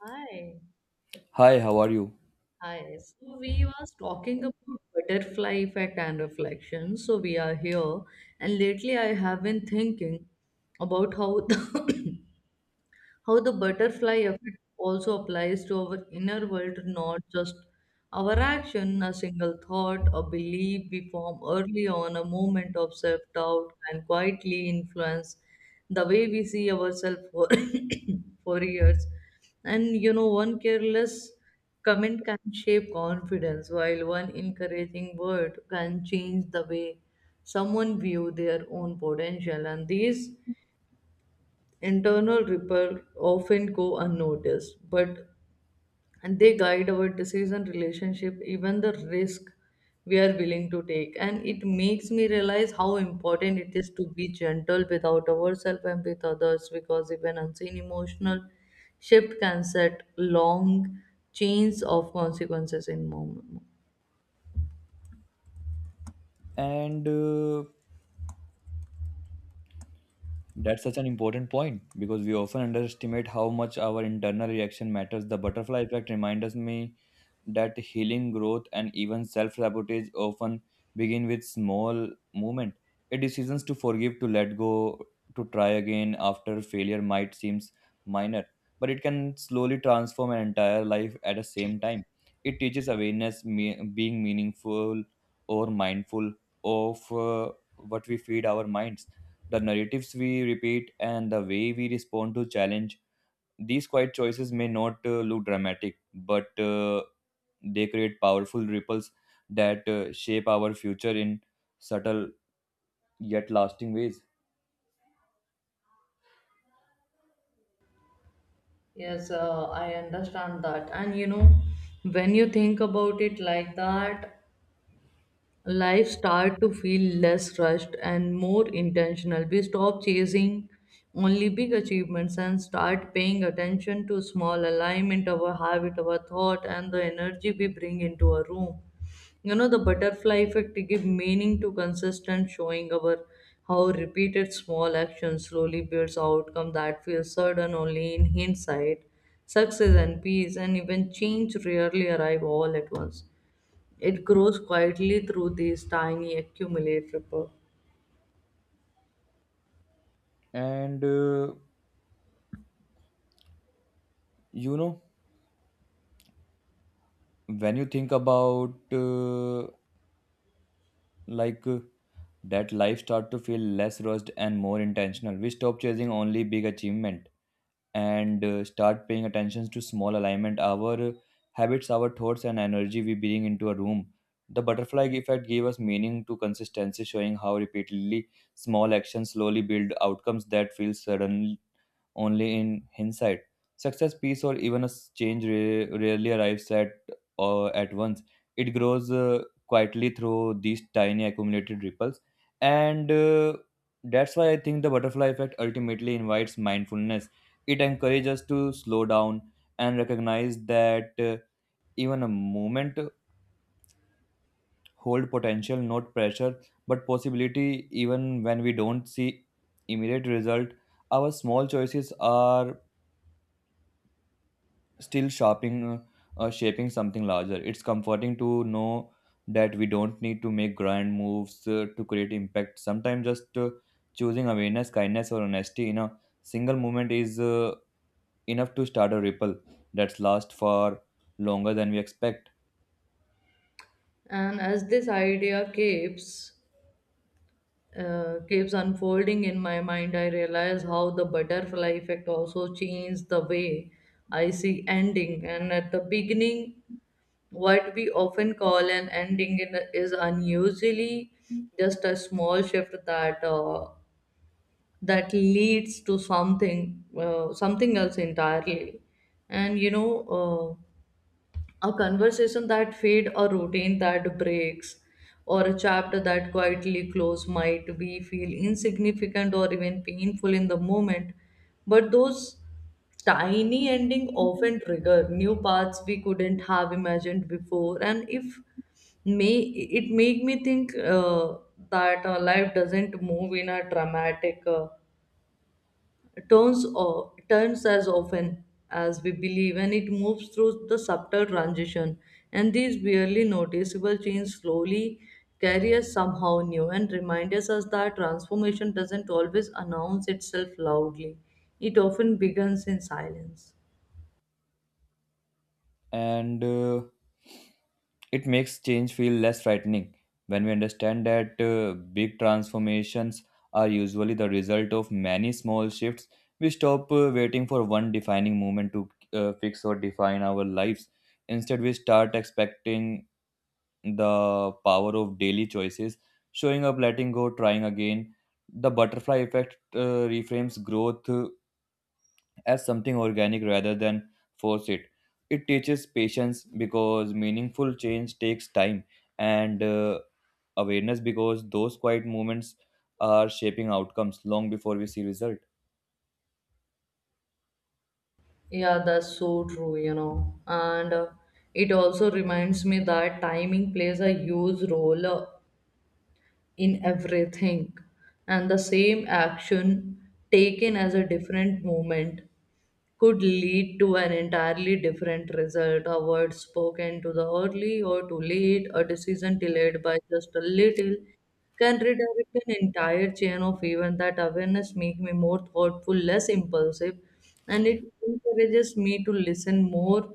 Hi. Hi, how are you? Hi. So we was talking about butterfly effect and reflection. So we are here, and lately I have been thinking about how the how the butterfly effect also applies to our inner world, not just our action, a single thought, a belief we form early on, a moment of self doubt can quietly influence the way we see ourselves for years. And one careless comment can shape confidence, while one encouraging word can change the way someone view their own potential. And these internal ripples often go unnoticed, but they guide our decision, relationship, even the risk we are willing to take. And it makes me realize how important it is to be gentle without ourselves and with others because even unseen emotional shift can set long chains of consequences in moment. And That's such an important point because we often underestimate how much our internal reaction matters. The butterfly effect reminds me that healing, growth, and even self sabotage often begin with small movement. A decisions to forgive, to let go, to try again after failure might seem minor, but it can slowly transform an entire life at the same time. It teaches awareness, being meaningful or mindful of what we feed our minds, the narratives we repeat, and the way we respond to challenge. These quiet choices may not look dramatic, but they create powerful ripples that shape our future in subtle yet lasting ways. Yes, I understand that. And you know, when you think about it like that, life start to feel less rushed and more intentional, we stop chasing only big achievements and start paying attention to small alignment, our habit, our thought, and the energy we bring into a room. You know the butterfly effect give meaning to consistent showing our how repeated small actions slowly builds outcome that feels sudden only in hindsight. Success and peace and even change rarely arrive all at once, it grows quietly through these tiny accumulate ripple. And uh, you know, when you think about like uh, that life start to feel less rushed and more intentional. We stop chasing only big achievement, and start paying attention to small alignment, our habits, our thoughts, and energy we bring into a room. The butterfly effect gave us meaning to consistency, showing how repeatedly small actions slowly build outcomes that feel sudden only in hindsight. Success, peace, or even change rarely arrives at once. It grows quietly through these tiny accumulated ripples, and that's why I think the butterfly effect ultimately invites mindfulness. It encourages us to slow down and recognize that even a moment hold potential, not pressure, but possibility. Even when we don't see immediate result, our small choices are still shopping shaping something larger. It's comforting to know that we don't need to make grand moves to create impact. Sometimes just choosing awareness, kindness, or honesty in a single moment is enough to start a ripple that's last for longer than we expect. And as this idea keeps keeps unfolding in my mind, I realize how the butterfly effect also changed the way I see ending. And at the beginning, what we often call an ending in is unusually just a small shift that leads to something something else entirely. And you know. A conversation that fade, a routine that breaks, or a chapter that quietly close might be feel insignificant or even painful in the moment, but those tiny ending often trigger new paths we couldn't have imagined before. And if may it make me think that life doesn't move in a dramatic turns or turns as often as we believe, and it moves through the subtle transition, and these barely noticeable changes slowly carry us somehow new and remind us that transformation doesn't always announce itself loudly, it often begins in silence. And It makes change feel less frightening when we understand that big transformations are usually the result of many small shifts. We stop waiting for one defining moment to fix or define our lives. Instead, we start expecting the power of daily choices, showing up, letting go, trying again. The butterfly effect reframes growth as something organic rather than force it. It teaches patience because meaningful change takes time, and awareness because those quiet moments are shaping outcomes long before we see result. Yeah, that's so true, you know, and it also reminds me that timing plays a huge role in everything. And the same action taken as a different moment could lead to an entirely different result. A word spoken to the early or too late, a decision delayed by just a little, can redirect an entire chain of events. That awareness makes me more thoughtful, less impulsive, and it encourages me to listen more,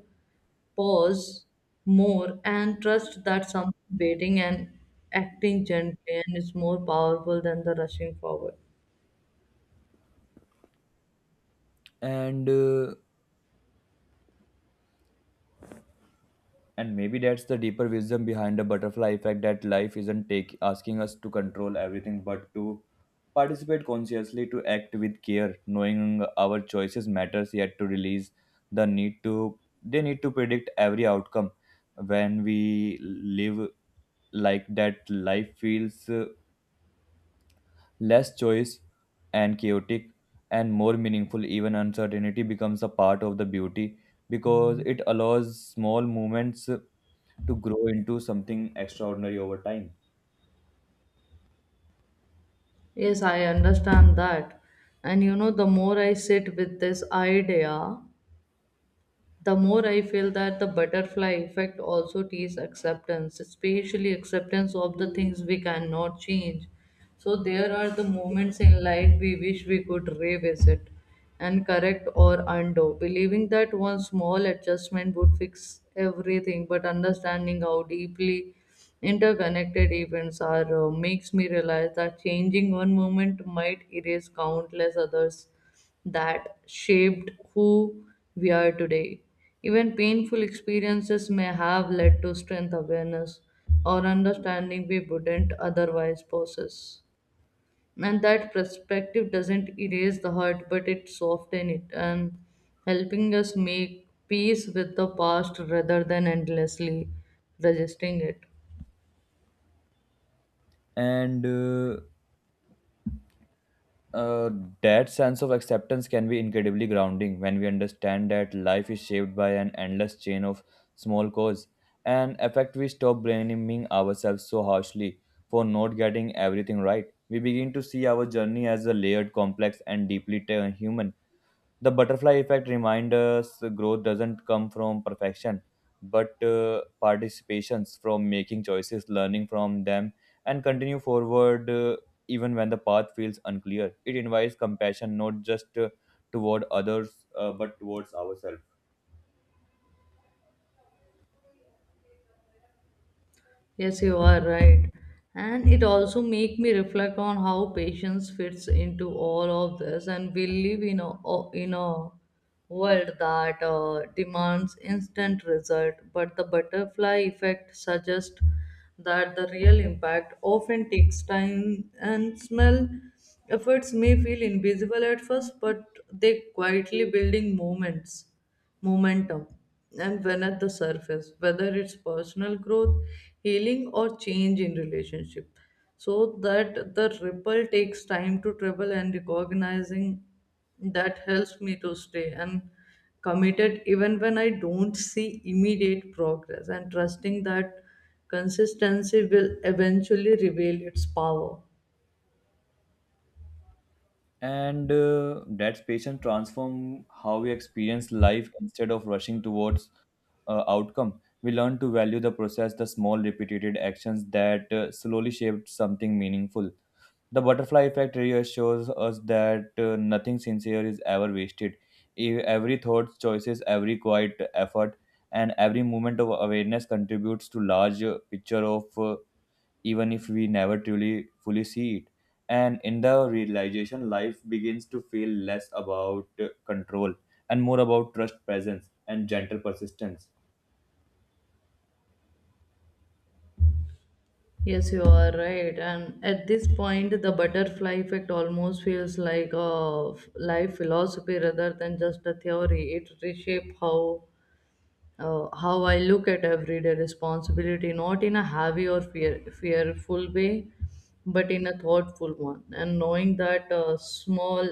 pause more, and trust that someone waiting and acting gently and is more powerful than the rushing forward. And uh, And maybe that's the deeper wisdom behind the butterfly effect, that life isn't take, asking us to control everything but to participate consciously, to act with care, knowing our choices matters, yet to release the need to they need to predict every outcome. When we live like that, life feels less choice and chaotic and more meaningful. Even uncertainty becomes a part of the beauty because it allows small movements to grow into something extraordinary over time. Yes, I understand that. And you know, the more I sit with this idea, the more I feel that the butterfly effect also teaches acceptance, especially acceptance of the things we cannot change. So, there are the moments in life we wish we could revisit and correct or undo, believing that one small adjustment would fix everything, but understanding how deeply interconnected events are makes me realize that changing one moment might erase countless others that shaped who we are today. Even painful experiences may have led to strength awareness or understanding we wouldn't otherwise possess. And that perspective doesn't erase the hurt, but it softens it and helping us make peace with the past rather than endlessly resisting it. And uh, that sense of acceptance can be incredibly grounding. When we understand that life is shaped by an endless chain of small cause and effect, we stop blaming ourselves so harshly for not getting everything right. We begin to see our journey as a layered, complex, and deeply human. The butterfly effect reminds us growth doesn't come from perfection, but participations from making choices, learning from them, and continue forward even when the path feels unclear. It invites compassion, not just toward others, but towards ourselves. Yes, you are right. And it also make me reflect on how patience fits into all of this. And we live in a world that demands instant result. But the butterfly effect suggests that the real impact often takes time and small efforts may feel invisible at first, but they quietly building moments momentum, and when at the surface, whether it's personal growth, healing, or change in relationship. So that the ripple takes time to travel, and recognizing that helps me to stay and committed even when I don't see immediate progress, and trusting that consistency will eventually reveal its power. And That patience transform how we experience life. Instead of rushing towards outcome, we learn to value the process, the small repeated actions that slowly shaped something meaningful. The butterfly effect really shows us that nothing sincere is ever wasted. Every thought, choices, every quiet effort, and every moment of awareness contributes to larger picture of even if we never truly fully see it. And in the realization, life begins to feel less about control and more about trust, presence, and gentle persistence. Yes, you are right. And at this point, the butterfly effect almost feels like life philosophy rather than just a theory. It reshapes how I look at everyday responsibility, not in a heavy or fearful way, but in a thoughtful one. And knowing that small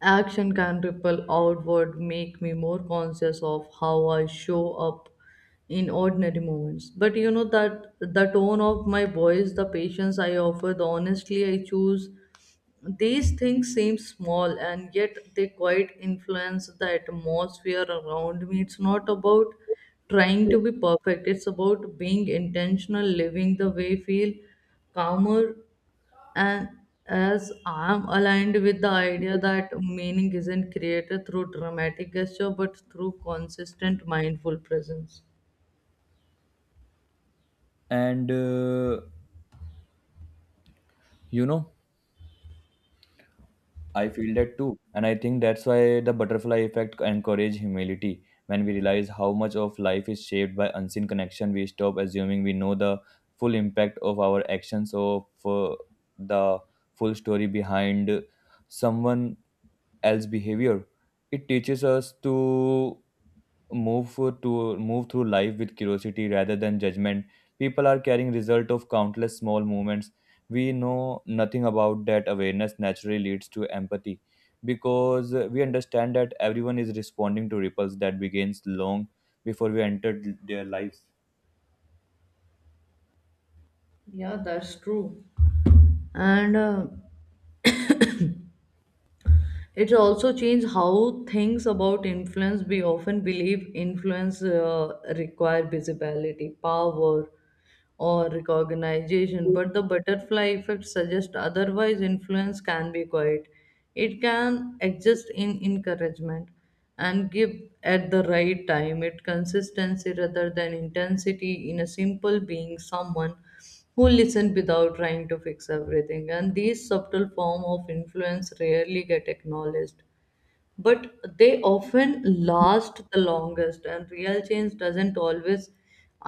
action can ripple outward, make me more conscious of how I show up in ordinary moments. But you know that the tone of my voice, the patience I offer, the honesty I choose, these things seem small and yet they quite influence the atmosphere around me. It's not about trying to be perfect, it's about being intentional, living the way, feel calmer and as I'm aligned with the idea that meaning isn't created through dramatic gesture but through consistent mindful presence. And you know. I feel that too. And I think that's why the butterfly effect encourages humility. When we realize how much of life is shaped by unseen connection, we stop assuming we know the full impact of our actions, or for the full story behind someone else's behavior. It teaches us to move through life with curiosity rather than judgment. People are carrying result of countless small movements we know nothing about. That awareness naturally leads to empathy because we understand that everyone is responding to ripples that begins long before we entered their lives. Yeah, that's true. And It's also changed how things about influence. We often believe influence require visibility, power, or recognition, but the butterfly effect suggests otherwise. Influence can be quiet. It can exist in encouragement and give at the right time. It consistency rather than intensity, in a simple being someone who listen without trying to fix everything, and these subtle form of influence rarely get acknowledged, but they often last the longest, and real change doesn't always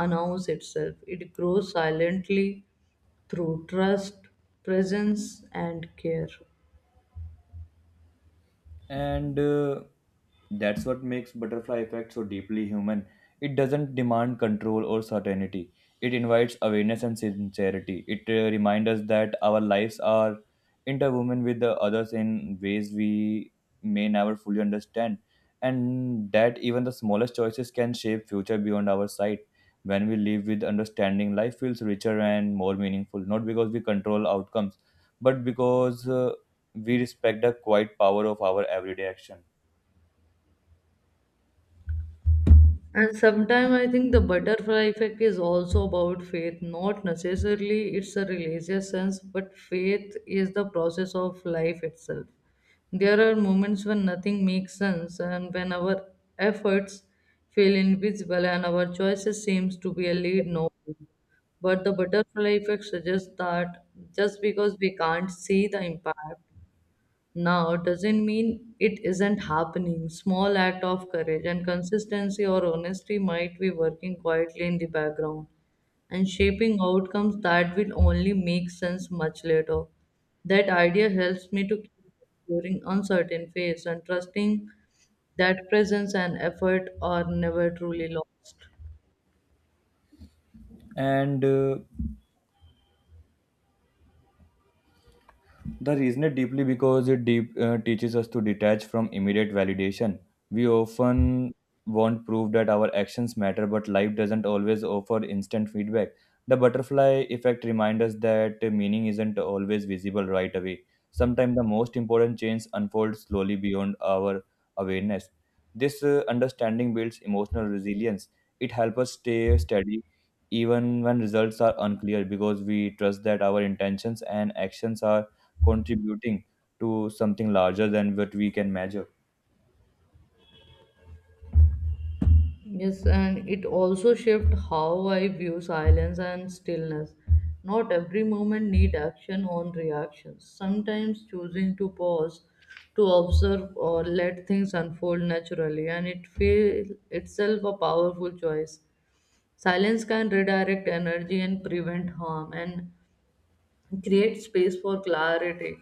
announce itself, it grows silently through trust, presence, and care. And That's what makes butterfly effect so deeply human. It doesn't demand control or certainty. It invites awareness and sincerity. It reminds us that our lives are interwoven with the others in ways we may never fully understand, and that even the smallest choices can shape future beyond our sight. When we live with understanding, life feels richer and more meaningful, not because we control outcomes, but because we respect the quiet power of our everyday action. And sometimes I think the butterfly effect is also about faith, not necessarily it's a religious sense, but faith is the process of life itself. There are moments when nothing makes sense and when our efforts feel invisible and our choices seems to be a lead nowhere. But the butterfly effect suggests that just because we can't see the impact now doesn't mean it isn't happening. Small act of courage and consistency or honesty might be working quietly in the background and shaping outcomes that will only make sense much later. That idea helps me to keep exploring uncertain phase and trusting that presence and effort are never truly lost. And The reason is deeply because it teaches us to detach from immediate validation. We often want proof that our actions matter, but life doesn't always offer instant feedback. The butterfly effect reminds us that meaning isn't always visible right away. Sometimes the most important change unfolds slowly beyond our awareness. This understanding builds emotional resilience. It helps us stay steady even when results are unclear because we trust that our intentions and actions are contributing to something larger than what we can measure. Yes, and it also shifted how I view silence and stillness. Not every moment need action on reactions. Sometimes choosing to pause, to observe or let things unfold naturally, and it feel itself a powerful choice. Silence can redirect energy and prevent harm, and create space for clarity.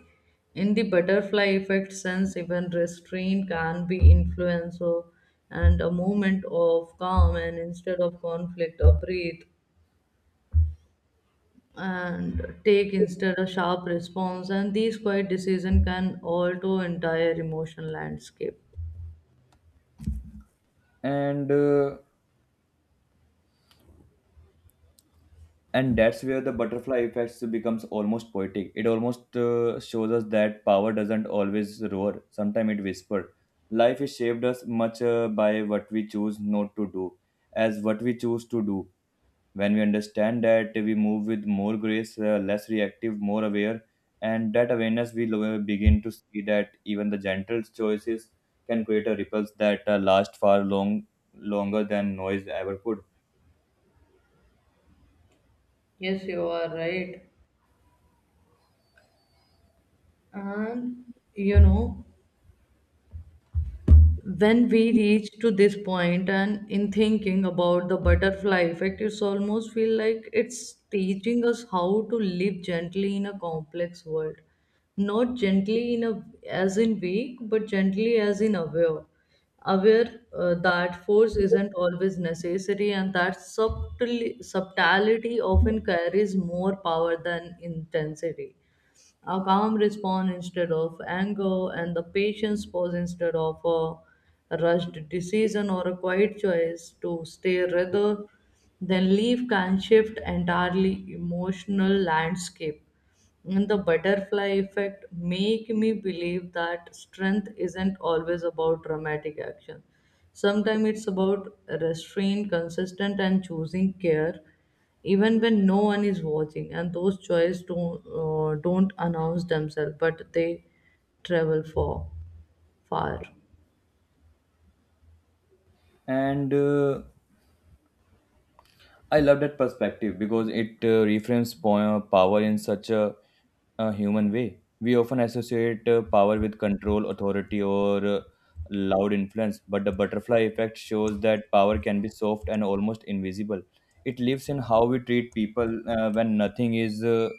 In the butterfly effect sense, even restraint can be influencer, and a moment of calm and instead of conflict, a breathe and take instead a sharp response. And these quiet decision can alter entire emotional landscape. And uh, and that's where the butterfly effects becomes almost poetic. It almost shows us that power doesn't always roar. Sometimes it whispers. Life is shaped as much by what we choose not to do as what we choose to do. When we understand that, we move with more grace, less reactive, more aware, and that awareness we begin to see that even the gentle choices can create a ripples that last far longer than noise ever could. Yes, you are right. And you know, when we reach to this point and in thinking about the butterfly effect, it's almost feel like it's teaching us how to live gently in a complex world, not gently in a as in weak but gently as in aware, aware that force isn't always necessary and that subtlety often carries more power than intensity. A calm response instead of anger, and the patience pause instead of a rushed decision, or a quiet choice to stay rather than leave can shift entirely emotional landscape. And the butterfly effect make me believe that strength isn't always about dramatic action. Sometimes it's about restraint, consistent, and choosing care even when no one is watching, and those joys don't announce themselves, but they travel for far. And I love that perspective because it reframes power in such a human way. We often associate power with control, authority, or loud influence, but the butterfly effect shows that power can be soft and almost invisible. It lives in how we treat people when nothing is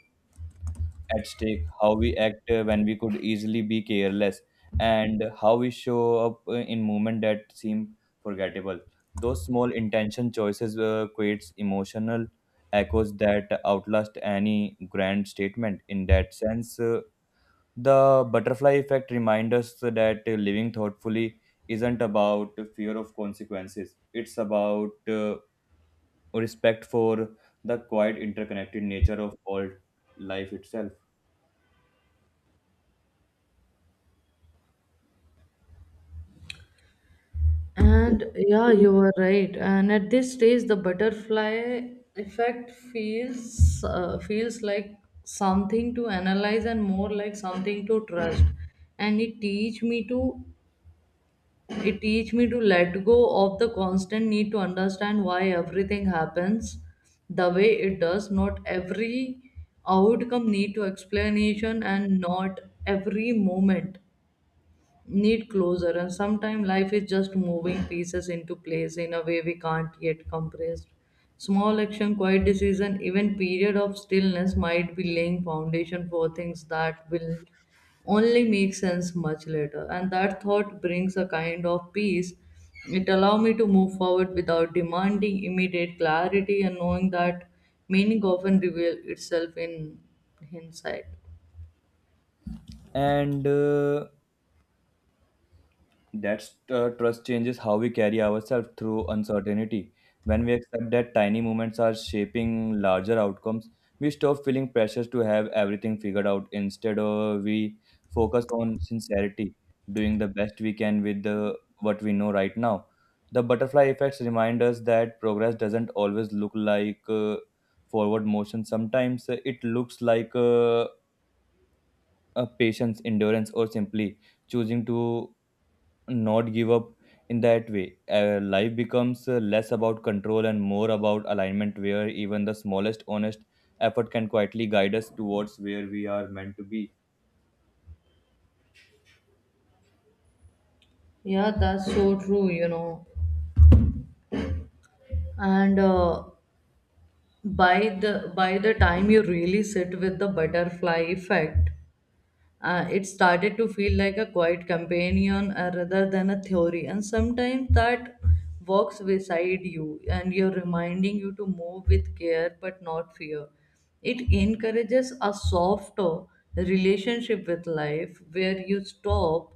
at stake, how we act when we could easily be careless, and how we show up in moments that seem forgettable. Those small intention choices creates emotional echoes that outlast any grand statement. In that sense, the butterfly effect reminds us that living thoughtfully isn't about fear of consequences. It's about respect for the quite interconnected nature of all life itself. And yeah, you were right, and at this stage the butterfly effect feels feels like something to analyze and more like something to trust, and it teach me to let go of the constant need to understand why everything happens the way it does. Not every outcome need to explanation, and not every moment need closure, and sometimes life is just moving pieces into place in a way we can't yet compress. Small action, quiet decision, even period of stillness might be laying foundation for things that will only make sense much later, and that thought brings a kind of peace. It allows me to move forward without demanding immediate clarity and knowing that meaning often reveals itself in hindsight. And That's trust changes how we carry ourselves through uncertainty. When we accept that tiny moments are shaping larger outcomes, we stop feeling pressures to have everything figured out. Instead, we focus on sincerity, doing the best we can with the, what we know right now. The butterfly effects remind us that progress doesn't always look like forward motion. Sometimes it looks like patience, endurance, or simply choosing to not give up. In that way, uh, life becomes less about control and more about alignment, where even the smallest honest effort can quietly guide us towards where we are meant to be. Yeah, that's so true, you know. And By the time you really sit with the butterfly effect, it started to feel like a quiet companion rather than a theory, and sometimes that walks beside you and you're reminding you to move with care but not fear. It encourages a softer relationship with life where you stop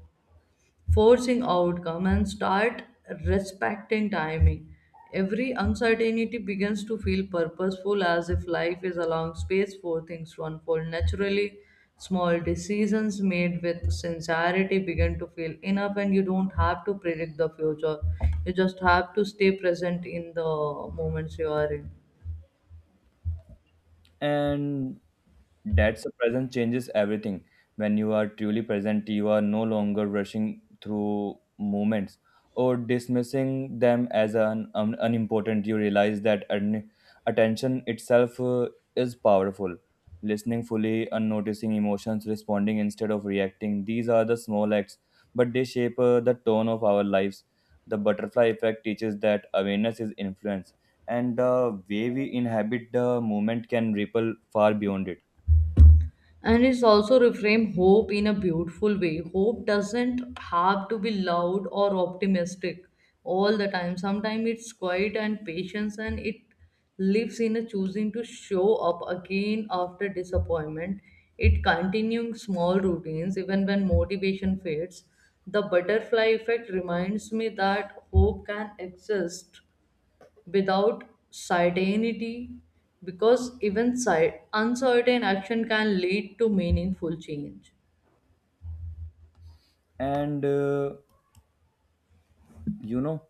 forcing outcome and start respecting timing. Every uncertainty begins to feel purposeful as if life is allowing space for things to unfold naturally. Small decisions made with sincerity begin to feel enough, and you don't have to predict the future. You just have to stay present in the moments you are in. And that's the present changes everything. When you are truly present, you are no longer rushing through moments or dismissing them as unimportant. You realize that attention itself is powerful. Listening fully and noticing emotions, responding instead of reacting. These are the small acts, but they shape the tone of our lives. The butterfly effect teaches that awareness is influence, and the way we inhabit the moment can ripple far beyond it. And it's also reframe hope in a beautiful way. Hope doesn't have to be loud or optimistic all the time, sometimes it's quiet and patience, and it lives in a choosing to show up again after disappointment, it continuing small routines even when motivation fades. The butterfly effect reminds me that hope can exist without certainty because even uncertain action can lead to meaningful change. And you know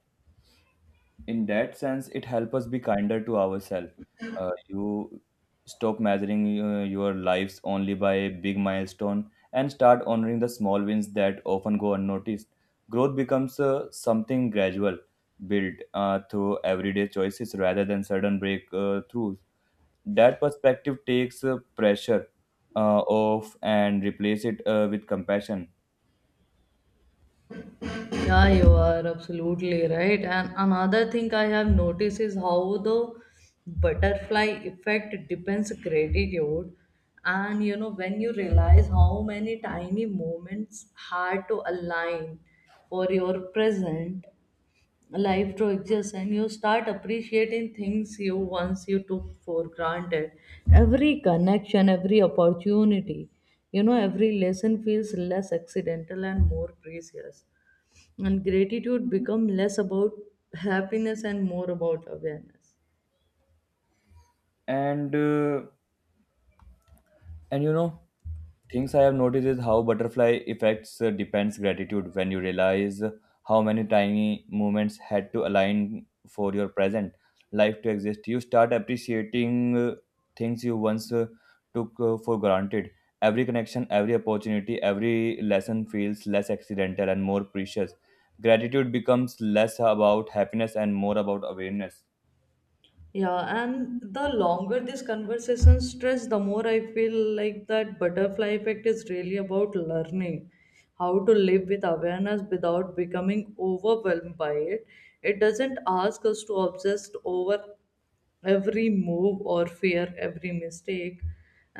in that sense it helps us be kinder to ourselves. You stop measuring your lives only by big milestone and start honoring the small wins that often go unnoticed. Growth becomes something gradual, built through everyday choices rather than sudden breakthroughs. That perspective takes pressure off and replace it with compassion. Yeah, you are absolutely right. And another thing I have noticed is how the butterfly effect depends gratitude. And you know, when you realize how many tiny moments had to align for your present, life to exist, and you start appreciating things you once you took for granted, every connection, every opportunity, you know, every lesson feels less accidental and more precious, and gratitude become less about happiness and more about awareness. And uh, and you know, things I have noticed is how butterfly effects depends gratitude. When you realize how many tiny movements had to align for your present life to exist, you start appreciating things you once took for granted. Every connection, every opportunity, every lesson feels less accidental and more precious. Gratitude becomes less about happiness and more about awareness. Yeah, and the longer this conversation stretch, the more I feel like that butterfly effect is really about learning how to live with awareness without becoming overwhelmed by it. It doesn't ask us to obsess over every move or fear every mistake,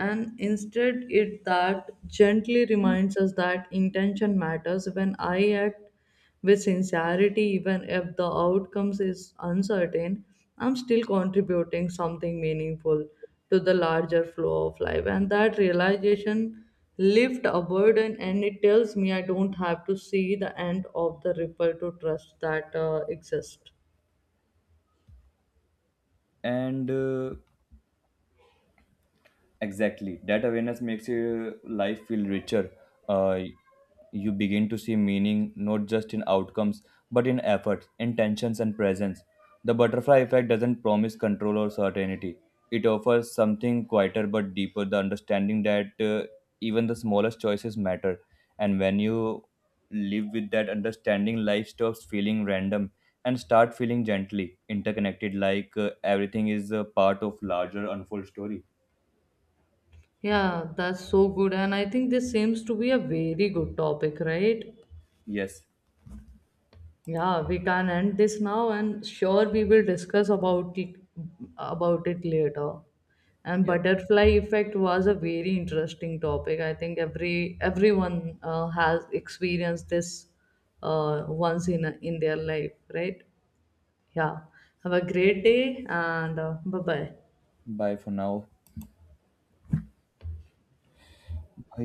and instead it that gently reminds us that intention matters. When I act with sincerity even if the outcomes is uncertain, I'm still contributing something meaningful to the larger flow of life, and that realization lift a burden, and it tells me I don't have to see the end of the ripple to trust that exists. And Exactly. That awareness makes your life feel richer. Uh, you begin to see meaning not just in outcomes, but in efforts, intentions, and presence. The butterfly effect doesn't promise control or certainty. It offers something quieter but deeper, the understanding that even the smallest choices matter. And when you live with that understanding, life stops feeling random and start feeling gently interconnected, like everything is a part of larger unfold story. Yeah, that's so good. And I think this seems to be a very good topic, right? Yes. Yeah, we can end this now and sure we will discuss about it later. And Yes. butterfly effect was a very interesting topic. I think everyone has experienced this once in in their life, right? Yeah. Have a great day, and bye bye. Bye for now.